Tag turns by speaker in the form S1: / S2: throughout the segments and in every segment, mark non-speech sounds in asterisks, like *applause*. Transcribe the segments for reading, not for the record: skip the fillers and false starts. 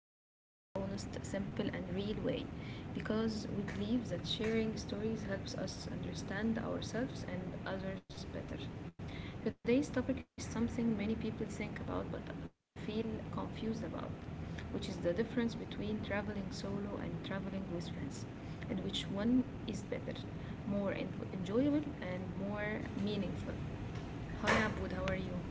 S1: in a very, honest, simple, and real way because we believe that sharing stories helps us understand ourselves and others better. Today's topic is something many people think about but feel confused about, which is the difference between traveling solo and traveling with friends, and which one is better, more enjoyable, and more meaningful. Hi Abud, how are you?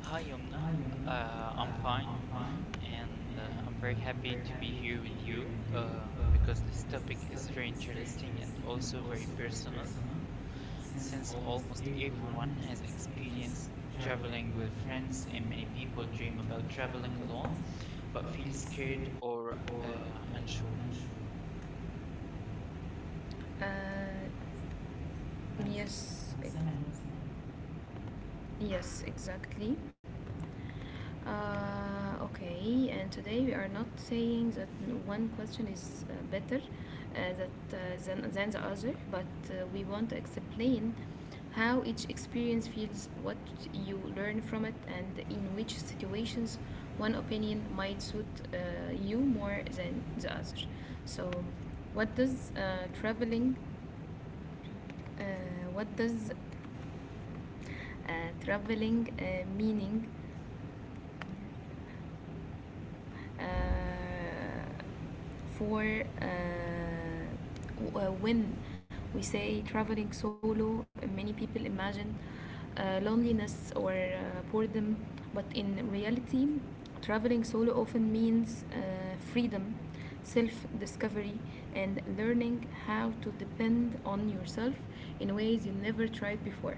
S2: Hi, Yumna.
S1: Hi, Yona.
S2: I'm fine
S1: I'm fine,
S2: and
S1: and
S2: I'm very
S1: I'm
S2: happy
S1: very
S2: to be
S1: happy
S2: here
S1: to
S2: with
S1: be here
S2: you
S1: with you
S2: uh,
S1: uh,
S2: because this
S1: because
S2: topic
S1: this
S2: is
S1: topic
S2: very
S1: is very
S2: interesting and
S1: interesting and
S2: also very
S1: also very
S2: personal
S1: personal
S2: since
S1: since
S2: almost
S1: almost
S2: everyone
S1: everyone
S2: has
S1: has
S2: experienced
S1: experienced
S2: traveling with
S1: traveling with
S2: friends and
S1: friends
S2: many
S1: and many
S2: people
S1: people
S2: dream about
S1: dream of
S2: traveling
S1: traveling
S2: alone
S1: alone
S2: but feel
S1: but feel
S2: scared
S1: scared
S2: or
S1: or
S2: uh, unsure.
S1: unsure. Uh, yes, سامع نفسي؟ Yes, exactly. Okay, and today we are not saying that one question is better than the other, but we want to explain how each experience feels, what you learn from it, and in which situations one opinion might suit uh, you more than the other. So, what does uh, what does uh, traveling meaning? Uh, for uh, when we say traveling solo, many people imagine loneliness or boredom, but in reality traveling solo often means freedom, self discovery, and learning how to depend on yourself in ways you never tried before.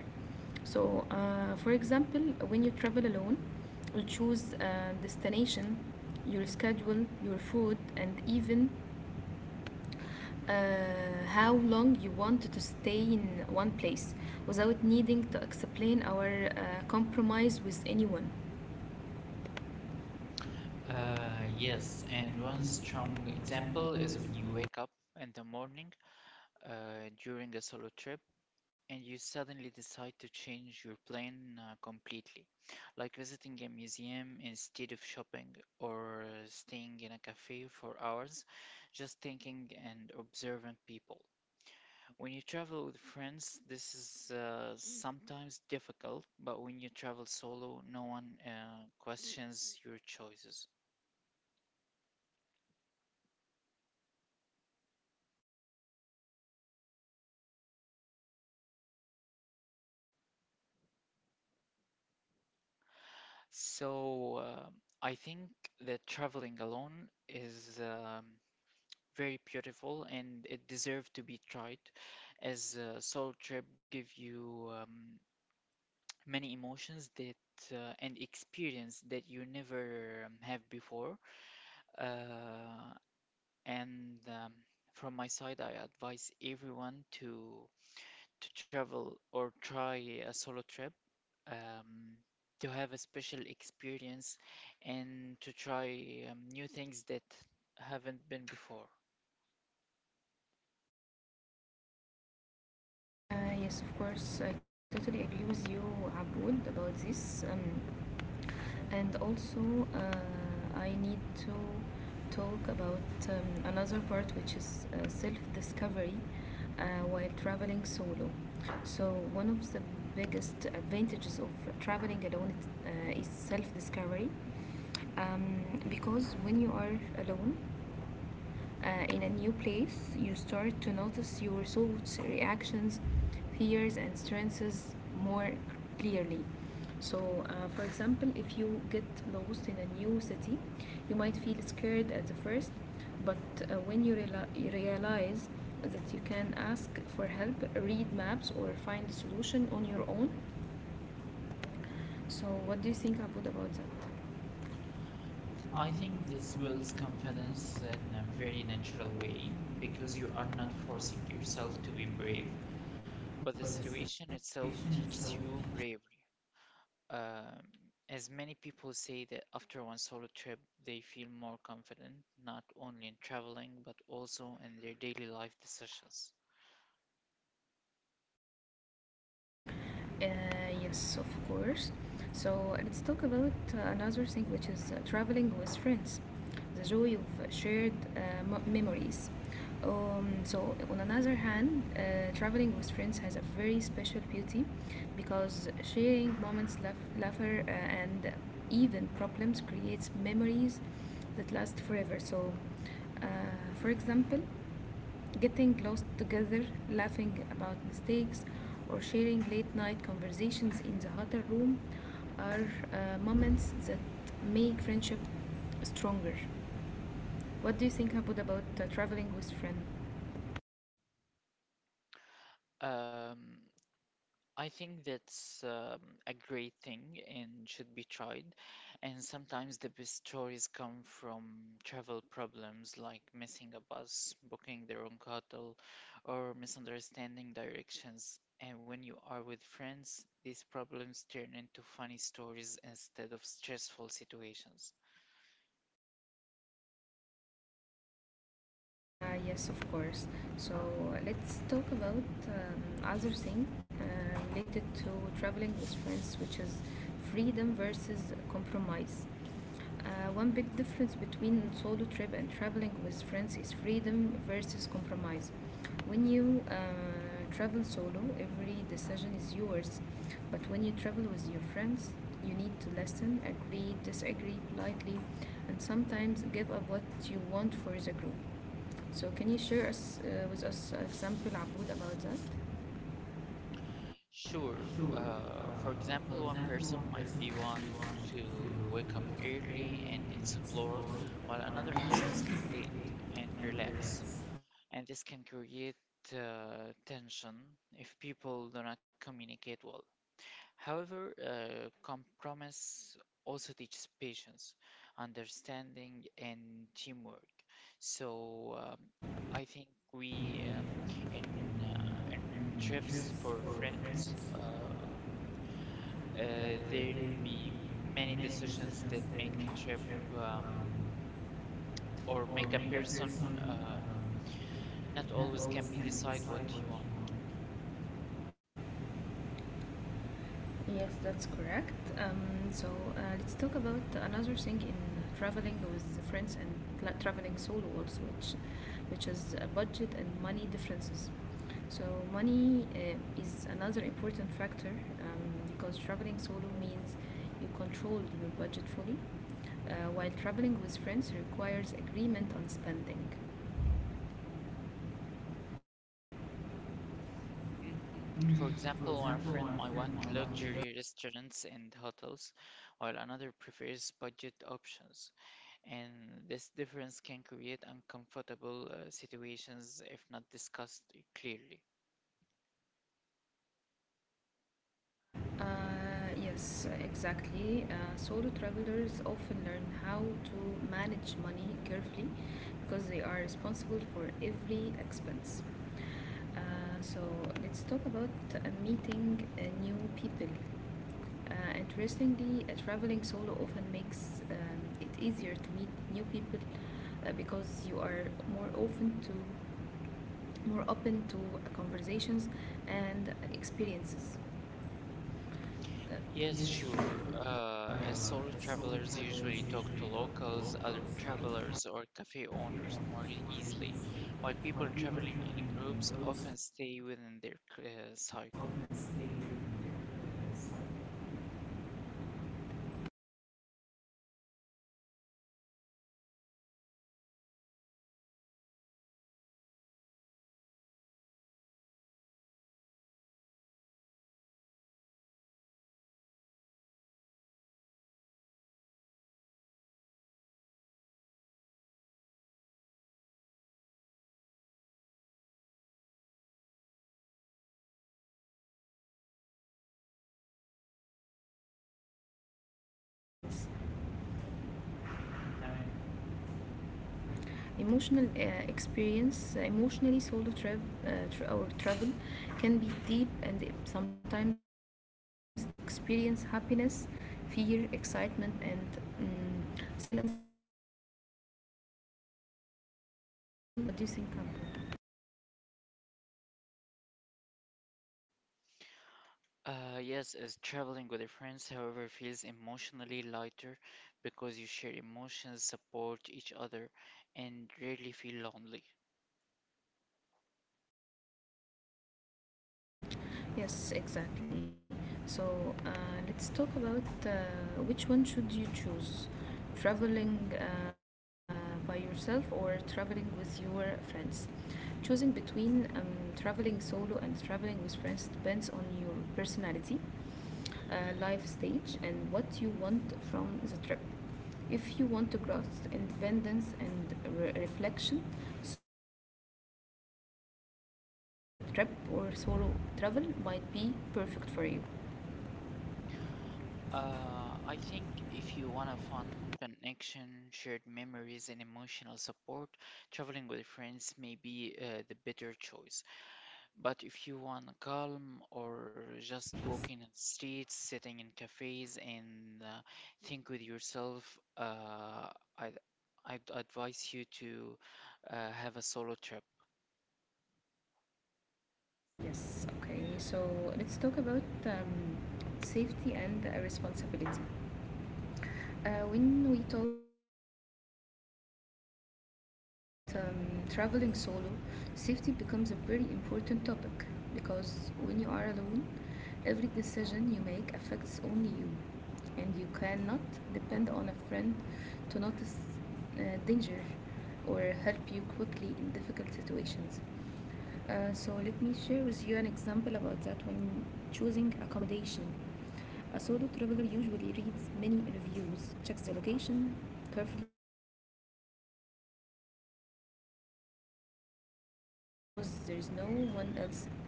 S1: So for example, when you travel alone you choose a destination, your schedule, your food, and even uh, how long you want to stay in one place without needing to explain or compromise with anyone. Uh,
S2: Yes,
S1: yes,
S2: and
S1: and
S2: one
S1: one
S2: strong
S1: strong
S2: example
S1: example is
S2: is when you
S1: when
S2: wake up in the morning during a solo trip and you suddenly decide to change your plan completely, like visiting a museum instead of shopping or staying in a cafe for hours, just thinking and observing people. When you travel with friends, this is sometimes difficult, but when you travel solo, no one questions your choices. So I think that traveling alone is very beautiful and it deserves to be tried as a solo trip give you many emotions that and experience that you never have before uh, and from my side I advise everyone to travel or try a solo trip um, to have a special experience and to try new things that haven't been before.
S1: you yes, of course, I totally agree with you, Aboud, about this. And also I need to talk about another part, which is self-discovery uh, while traveling solo. So one of the biggest advantages of traveling alone is self-discovery because when you are alone in a new place, you start to notice your thoughts, reactions, fears, and strengths more clearly. So, for example, if you get lost in a new city, you might feel scared at the first, but when you realize that you can ask for help, read maps, or find a solution on your own. So, what do you think about that?
S2: I
S1: I think
S2: think
S1: this
S2: this builds
S1: works complements
S2: confidence
S1: that
S2: in
S1: in
S2: a
S1: a very
S2: very
S1: natural
S2: natural
S1: way
S2: way because
S1: because
S2: you
S1: you
S2: are
S1: are
S2: not
S1: not
S2: forcing
S1: forcing yourself
S2: yourself to
S1: to
S2: be
S1: be
S2: brave,
S1: brave,
S2: but
S1: but
S2: the
S1: the
S2: situation
S1: situation itself
S2: itself
S1: teaches.
S2: teaches you bravery. Um, as many people say that after one solo trip, they feel more confident, not only in traveling, but also in their daily life decisions.
S1: Uh, yes, of course. So let's talk about another thing, which is traveling with friends, the joy of shared memories. So, on another hand, traveling with friends has a very special beauty because sharing moments, laughter, and even problems creates memories that last forever. So, uh, for example, getting lost together, laughing about mistakes, or sharing late night conversations in the hotel room are moments that make friendship stronger. What do you think about traveling with friends?
S2: Um, I think that's a great thing and should be tried. And sometimes the best stories come from travel problems like missing a bus, booking the wrong hotel, or misunderstanding directions. And when you are with friends, these problems turn into funny stories instead of stressful situations.
S1: Yes, of course. So let's talk about other thing related to traveling with friends, which is freedom versus compromise. One big difference between solo trip and traveling with friends is freedom versus compromise. When you travel solo, every decision is yours. But when you travel with your friends, you need to listen, agree, disagree politely, and sometimes give up what you want for the group. So, can you share with us an example, Aboud, about that?
S2: Sure.
S1: Sure.
S2: For
S1: For
S2: example,
S1: example,
S2: one
S1: one
S2: person
S1: person
S2: might be
S1: might be want
S2: one
S1: to
S2: to wake up
S1: wake up
S2: early and
S1: early and
S2: explore,
S1: explore
S2: while
S1: what
S2: another wants to sleep
S1: interests
S2: late
S1: them
S2: and
S1: and
S2: relax.
S1: relax.
S2: And this can create tension if people do not communicate well. However, compromise also teaches patience, understanding, and teamwork. So I think
S1: We uh,
S2: we
S1: in,
S2: uh, in uh, in
S1: uh, in
S2: trips
S1: trips
S2: for
S1: for
S2: friends,
S1: friends,
S2: uh, uh, there
S1: there will
S2: be
S1: be
S2: many
S1: many
S2: decisions
S1: decisions
S2: that
S1: that
S2: make
S1: make
S2: a
S1: a
S2: trip
S1: trip
S2: um,
S1: um,
S2: or
S1: or
S2: make a
S1: make a
S2: person
S1: person
S2: um,
S1: um,
S2: not
S1: not
S2: always
S1: always
S2: can be
S1: can
S2: decide
S1: decide
S2: what
S1: what
S2: he
S1: you
S2: want.
S1: want. Yes, that's correct. Um, so let's talk about another thing in traveling with friends and like traveling solo also, which is budget and money differences. So money is another important factor because traveling solo means you control your budget fully, while traveling with friends requires agreement on spending.
S2: Mhm.
S1: Mm,
S2: For
S1: for
S2: example, one
S1: example,
S2: friend
S1: my
S2: might
S1: friend,
S2: want
S1: my one.
S2: luxury restaurants and hotels, while another prefers budget options, and this difference can create uncomfortable situations if not discussed clearly.
S1: Uh, yes, exactly. Solo travelers often learn how to manage money carefully because they are responsible for every expense. So let's talk about uh, meeting new people. Interestingly, traveling solo often makes it easier to meet new people because you are more open to more open to conversations and experiences.
S2: Yes,
S1: Yes, sure.
S2: sure. As solo
S1: Solo
S2: travelers
S1: travelers
S2: usually talk
S1: usually
S2: to
S1: talk to
S2: locals,
S1: locals,
S2: other
S1: other
S2: travelers,
S1: travelers
S2: or cafe
S1: if you
S2: owners
S1: want
S2: more
S1: to worry
S2: easily,
S1: easily.
S2: while
S1: While
S2: people
S1: people
S2: traveling in
S1: traveling in
S2: groups
S1: groups
S2: often
S1: often
S2: stay
S1: stay
S2: within their
S1: within their
S2: cycle.
S1: cycle. Yes, exactly. So let's talk about emotional experience. تمام Emotional experience, emotionally solo trip tr or travel can be deep and sometimes challenging because you experience happiness, fear, excitement, and mm silence by all by yourself. So, what do you think, Amber?
S2: Yes, as traveling with your friends, however, feels emotionally lighter because you share emotions, support each other, and rarely feel lonely.
S1: Yes, exactly. So let's talk about which one should you choose, traveling by yourself or traveling with your friends. Choosing between traveling solo and traveling with friends depends on your personality, life stage, and what you want from the trip. If you want to growth, independence, and reflection, solo t- trip or solo travel might be perfect for you.
S2: I think if you want a fun connection, shared memories, and emotional support, traveling with friends may be the better choice. But if you want calm or just walking in the streets, sitting in cafes, and think with yourself, uh, I'd, I'd advise you to have a solo trip.
S1: Uh, yes, okay. So let's talk about safety and responsibility. When we talk about traveling solo, safety becomes a very important topic because when you are alone, every decision you make affects only you, and you cannot depend on a friend to notice danger or help you quickly in difficult situations. So let me share with you an example about that when choosing accommodation. A solo traveler usually reads many reviews, checks the location carefully, and avoids risky areas because there's no one else to share responsibility with.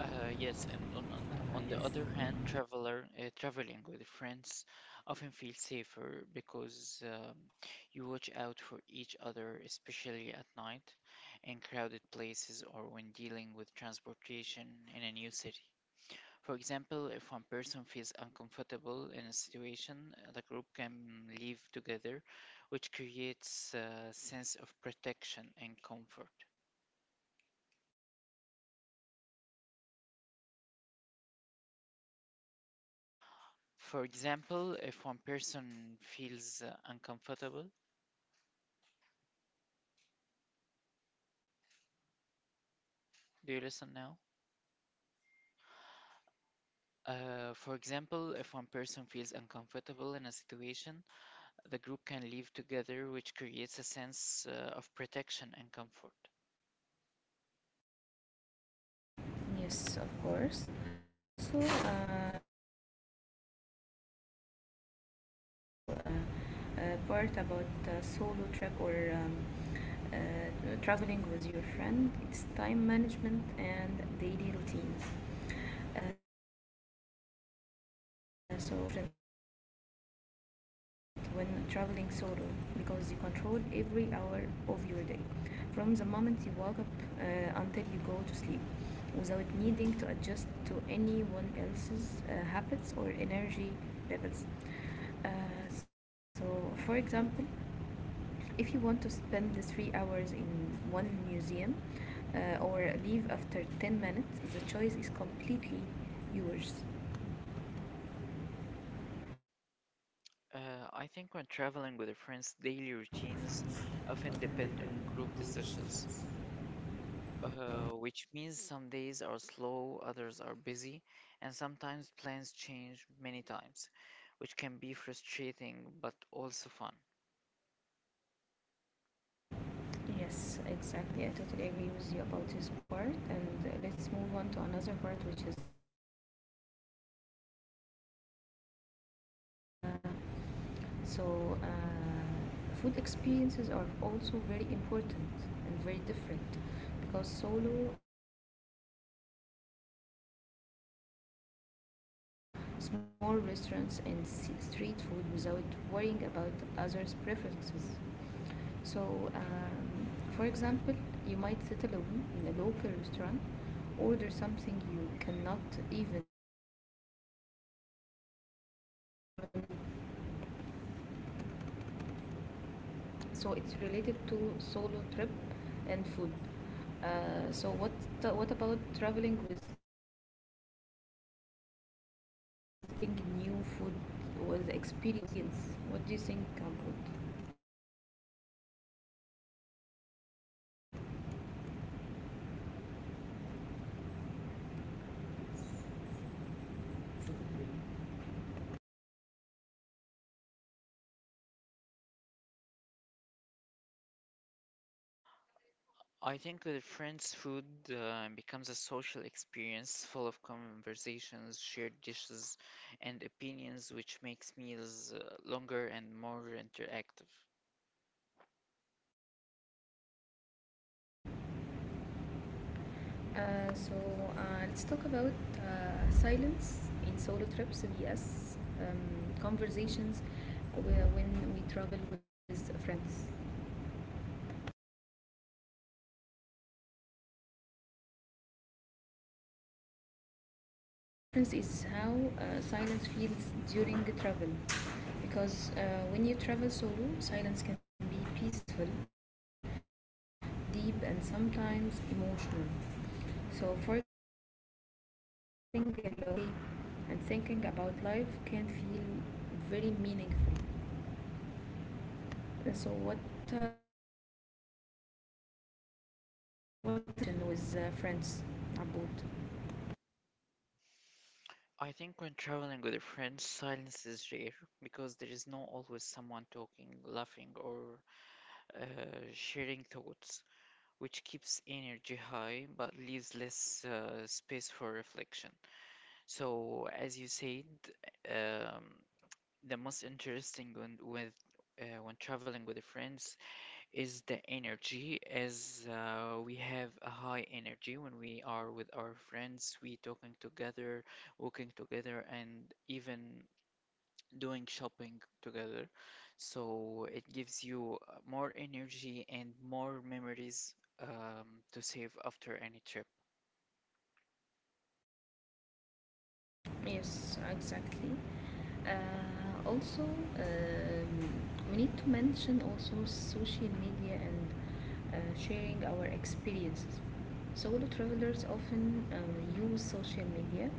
S1: Uh,
S2: Yes, and
S1: yes,
S2: on the other hand, traveler traveling with friends often feels safer because you watch out for each other, especially at night, in crowded places or when dealing with transportation in a new city. For example, if one person feels uncomfortable in a situation, the group can leave together, which creates a sense of protection and comfort. For example, if one person feels uncomfortable, do you listen now? For example, if one person feels uncomfortable in a situation, the group can leave together, which creates a sense of protection and comfort.
S1: Yes, of course. Also, we need to talk about a very important part about solo trip or uh, traveling with your friend. It's time management and daily routines. So time management is very different when traveling solo because you control every hour of your day from the moment you wake up until you go to sleep without needing to adjust to anyone else's habits or energy levels. Uh, so, for example, if you want to spend the 3 hours in one museum or leave after 10 minutes, the choice is completely yours.
S2: Uh, I think
S1: I
S2: when
S1: think when
S2: traveling with a
S1: traveling, you
S2: friend's
S1: can
S2: daily
S1: stay
S2: routines
S1: routines
S2: often
S1: of
S2: depend on
S1: independent
S2: group
S1: good
S2: decisions,
S1: decisions.
S2: which means some days are slow, others are busy, and sometimes plans change many times, which can be frustrating but also fun.
S1: Yes, exactly. I totally agree with you about this part. And let's move on to another part, which is uh, food experience and eating habits. So, food experiences are also very important and very different because solo travelers *coughs* often feel more open to trying local food, small restaurants, and street food without worrying about others' preferences. So, for example, you might sit alone in a local restaurant, order something you cannot even pronounce, and enjoy the moment quietly. So it's related to solo trip and food. So what about traveling with friends and tasting new food was experience? What do you think about?
S2: I think with friends, food becomes a social experience full of conversations, shared dishes, and opinions, which makes meals longer and more interactive.
S1: Uh, so uh, let's talk about silence in solo trips vs conversations when we travel with friends. So, one interesting difference is how silence feels during the travel. Because when you travel solo, silence can be peaceful, deep, and sometimes emotional. So, for example, sitting alone on a train, watching the landscape, and thinking about life can feel very meaningful. Uh, So, what uh, what is about conversation with friends about?
S2: I think when traveling with a friend, silence is rare because there is not always someone talking, laughing, or uh, sharing thoughts, which keeps energy high but leaves less space for reflection. So, as you said, um, the most interesting when with when traveling with the friends is the energy, as we have a high energy when we are with our friends, we talking together, working together and even doing shopping together. So it gives you more energy and more memories to save after any trip.
S1: Yes, exactly. Also, we need to mention also social media and sharing our experiences. Solo travelers often use social media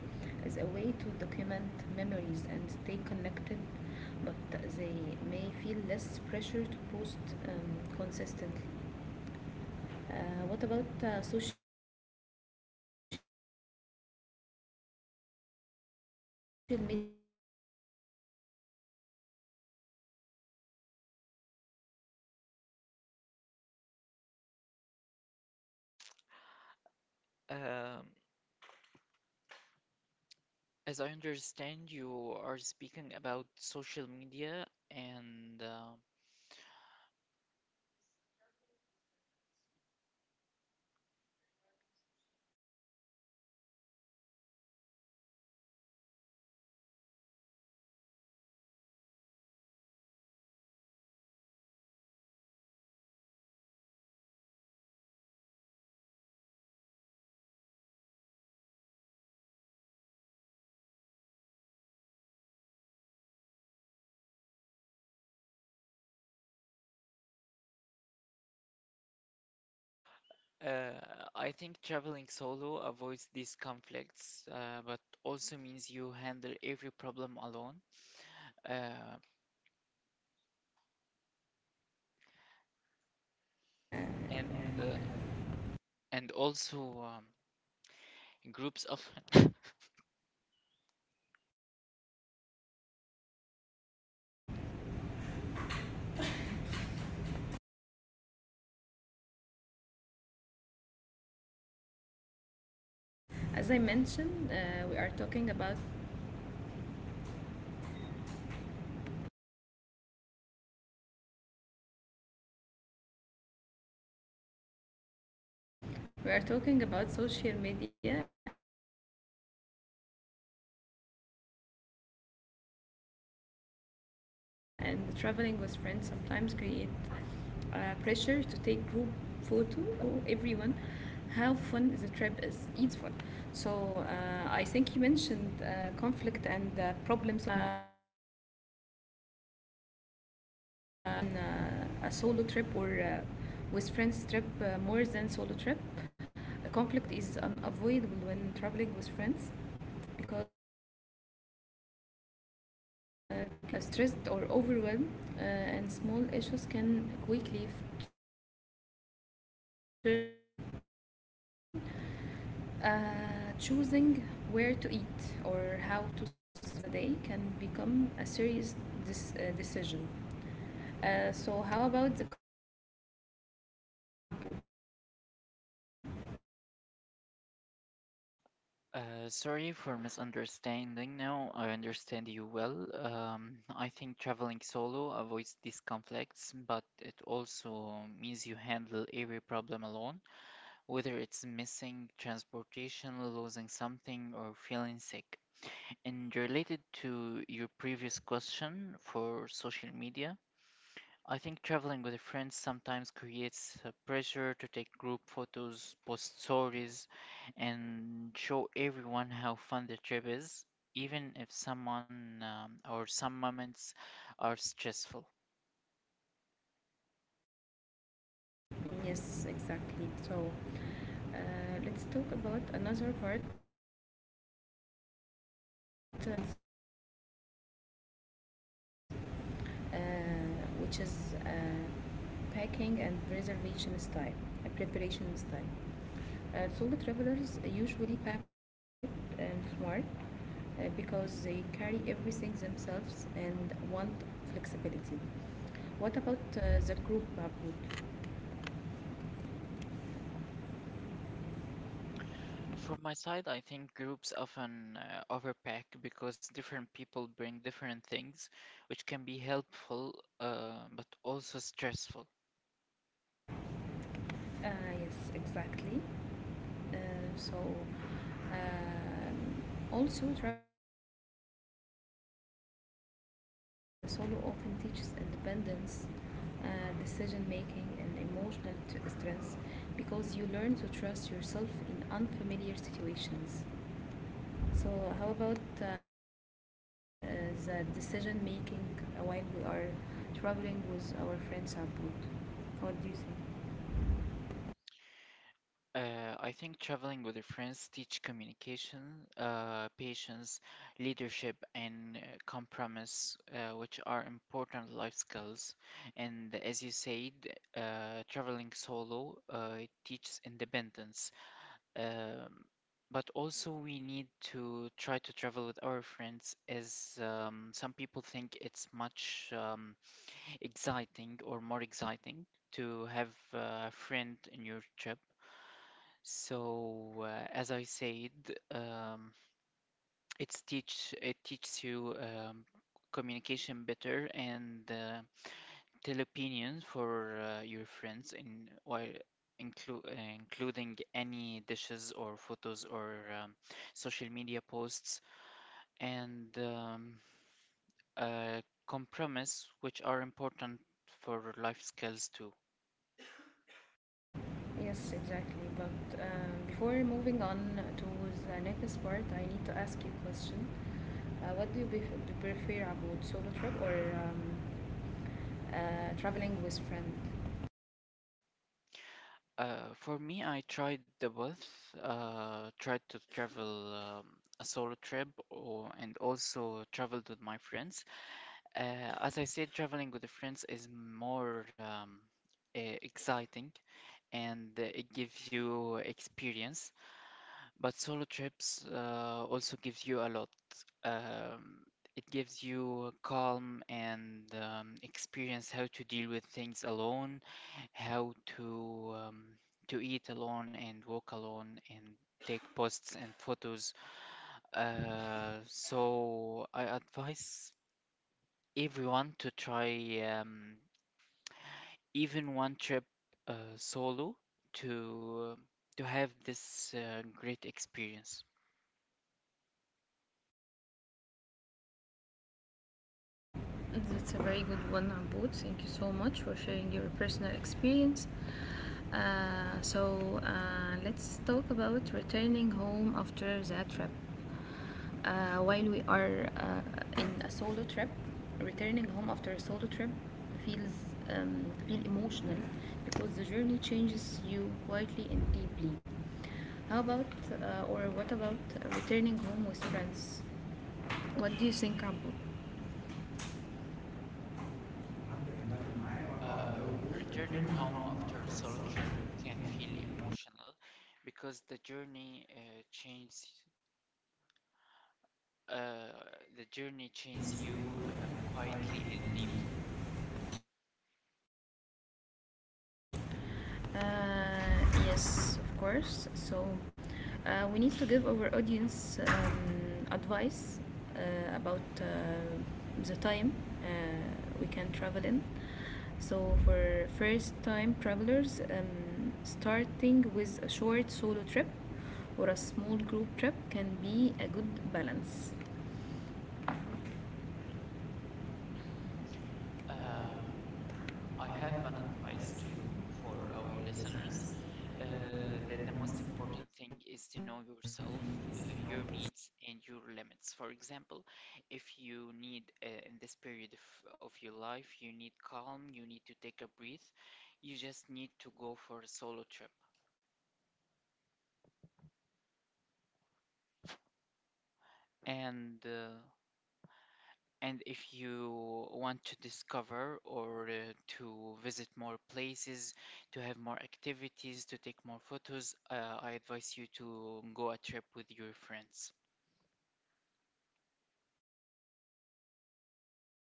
S1: as a way to document memories and stay connected, but they may feel less pressure to post consistently. What about social media with friends, Abud?
S2: Um, as I understand, you are speaking about social media, and uh, I think traveling solo avoids these conflicts, but also means you handle every problem alone. Uh,
S1: Uh,
S2: and uh, and also groups often *laughs*
S1: As I mentioned, we are talking about social media, and traveling with friends sometimes create uh, pressure to take group photo, post stories, and show everyone how fun the trip is, even if some moments are stressful. So I think you mentioned conflict and problem solving part, which uh, maybe in a solo trip or with friends trip more than solo trip. Conflict is unavoidable when traveling with friends because people get tired, hungry, stressed, or overwhelmed, and small issues can quickly turn into big arguments. So, for example, uh, choosing where to eat or how to spend the day can become a serious decision. So, how about the conflicts in solo trip, Abud?
S2: Sorry for misunderstanding. Now I understand you well. I think traveling solo avoids these conflicts, but it also means you handle every problem alone, whether it's missing transportation, losing something, or feeling sick. And related to your previous question for social media, I think traveling with friends sometimes creates a pressure to take group photos, post stories, and show everyone how fun the trip is, even if someone or some moments are stressful.
S1: Mm, yes, exactly. So, uh, let's talk about another part in trips or travels, uh, which is packing and reservation style, preparation style. Solo travelers usually pack light and smart because they carry everything themselves and want flexibility. What about the group, Mahmoud?
S2: From my side, I think groups often overpack because different people bring different things, which can be helpful but also stressful.
S1: Uh, yes, exactly. Uh, so, um, Also traveling solo often teaches independence, uh, decision making, and emotional strength because you learn to trust yourself in unfamiliar situations. So how about the decision making while we are traveling with our friends abroad? What do you think?
S2: I think traveling with your friends teach communication, patience, leadership, and compromise, which are important life skills. And as you said, traveling solo it teaches independence. Um, but also, we need to try to travel with our friends, as some people think it's much exciting or more exciting to have a friend in your trip so, as I said, um, it's teaches you communication better and tell opinions for your friends in while inclu uh, including any dishes or photos or um, social media posts and uh, compromise, which are important for life skills too.
S1: Yes, exactly. But before moving on to the next part, I need to ask you a question. What do you, bef- Do you prefer about solo trip or um, traveling with friend?
S2: For me, I tried the both. Tried to travel a solo trip, or and also traveled with my friends. As I said, traveling with the friends is more exciting and it gives you experience. But solo trips also gives you a lot. Um, it gives you calm and experience how to deal with things alone how to to eat alone and walk alone and take posts and photos. So I advise everyone to try even one trip solo to to have this great experience.
S1: That's a very good one, Abud. Thank you so much for sharing your personal experience. Let's talk about returning home after the trip. While we are in a solo trip, returning home after a solo trip feels feel emotional because the journey changes you quietly and deeply. How about or what about returning home with friends? What do you think, Abu?
S2: Uh, Returning home after a solo trip can feel emotional because the uh, journey changes you quietly and deeply.
S1: Uh, yes, of course. So, we need to give our audience advice about the time uh, we can travel in. So, for first time travelers, starting with a short solo trip or a small group trip can be a good balance.
S2: Uh, I
S1: I
S2: have
S1: have
S2: an
S1: an
S2: advice
S1: advice to,
S2: too for
S1: for
S2: our
S1: our
S2: listeners
S1: listeners.
S2: that
S1: That
S2: the
S1: the
S2: most
S1: most
S2: important
S1: important
S2: thing
S1: thing
S2: is
S1: is
S2: to
S1: to
S2: know
S1: know.
S2: yourself, uh, your needs, and your limits. For example, if you need in this period of your life, you need calm, you need to take a breath, you just need to go for a solo trip. And uh, And if you want to discover or to visit more places, to have more activities, to take more photos, I advise you to go a trip with your friends.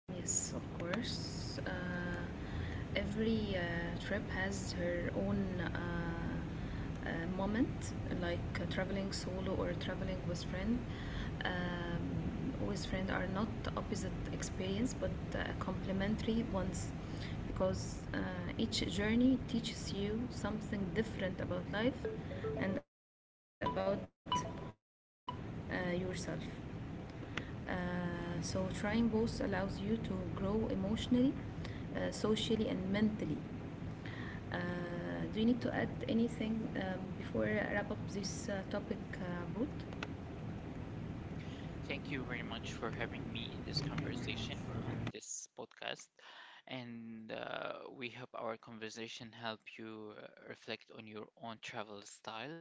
S1: Yes, of course. Every trip has her own moment, like traveling solo or traveling with friend. With friend are not opposite experience, but complementary ones, because each journey teaches you something different about life and about yourself. So trying both allows you to grow emotionally, socially, and mentally. Uh, do you need to add anything before I wrap up this topic, Ruth?
S2: Thank you very much for having me in this conversation on this podcast. And We hope our conversation help you reflect on your own travel style.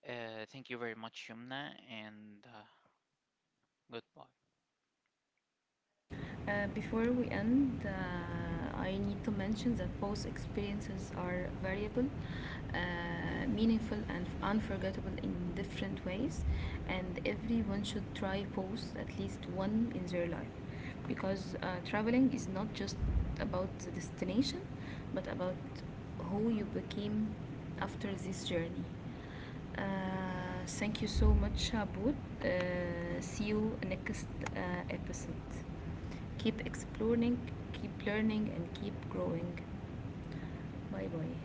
S2: Thank you very much, Yumna, and goodbye.
S1: Before we end, I need to mention that both experiences are variable, meaningful, and unforgettable in different ways, and everyone should try both at least one in their life because traveling is not just about the destination but about who you became after this journey. Uh, Thank you so much, Abud. See you next uh, episode. Keep exploring, keep learning, and keep growing. Bye bye.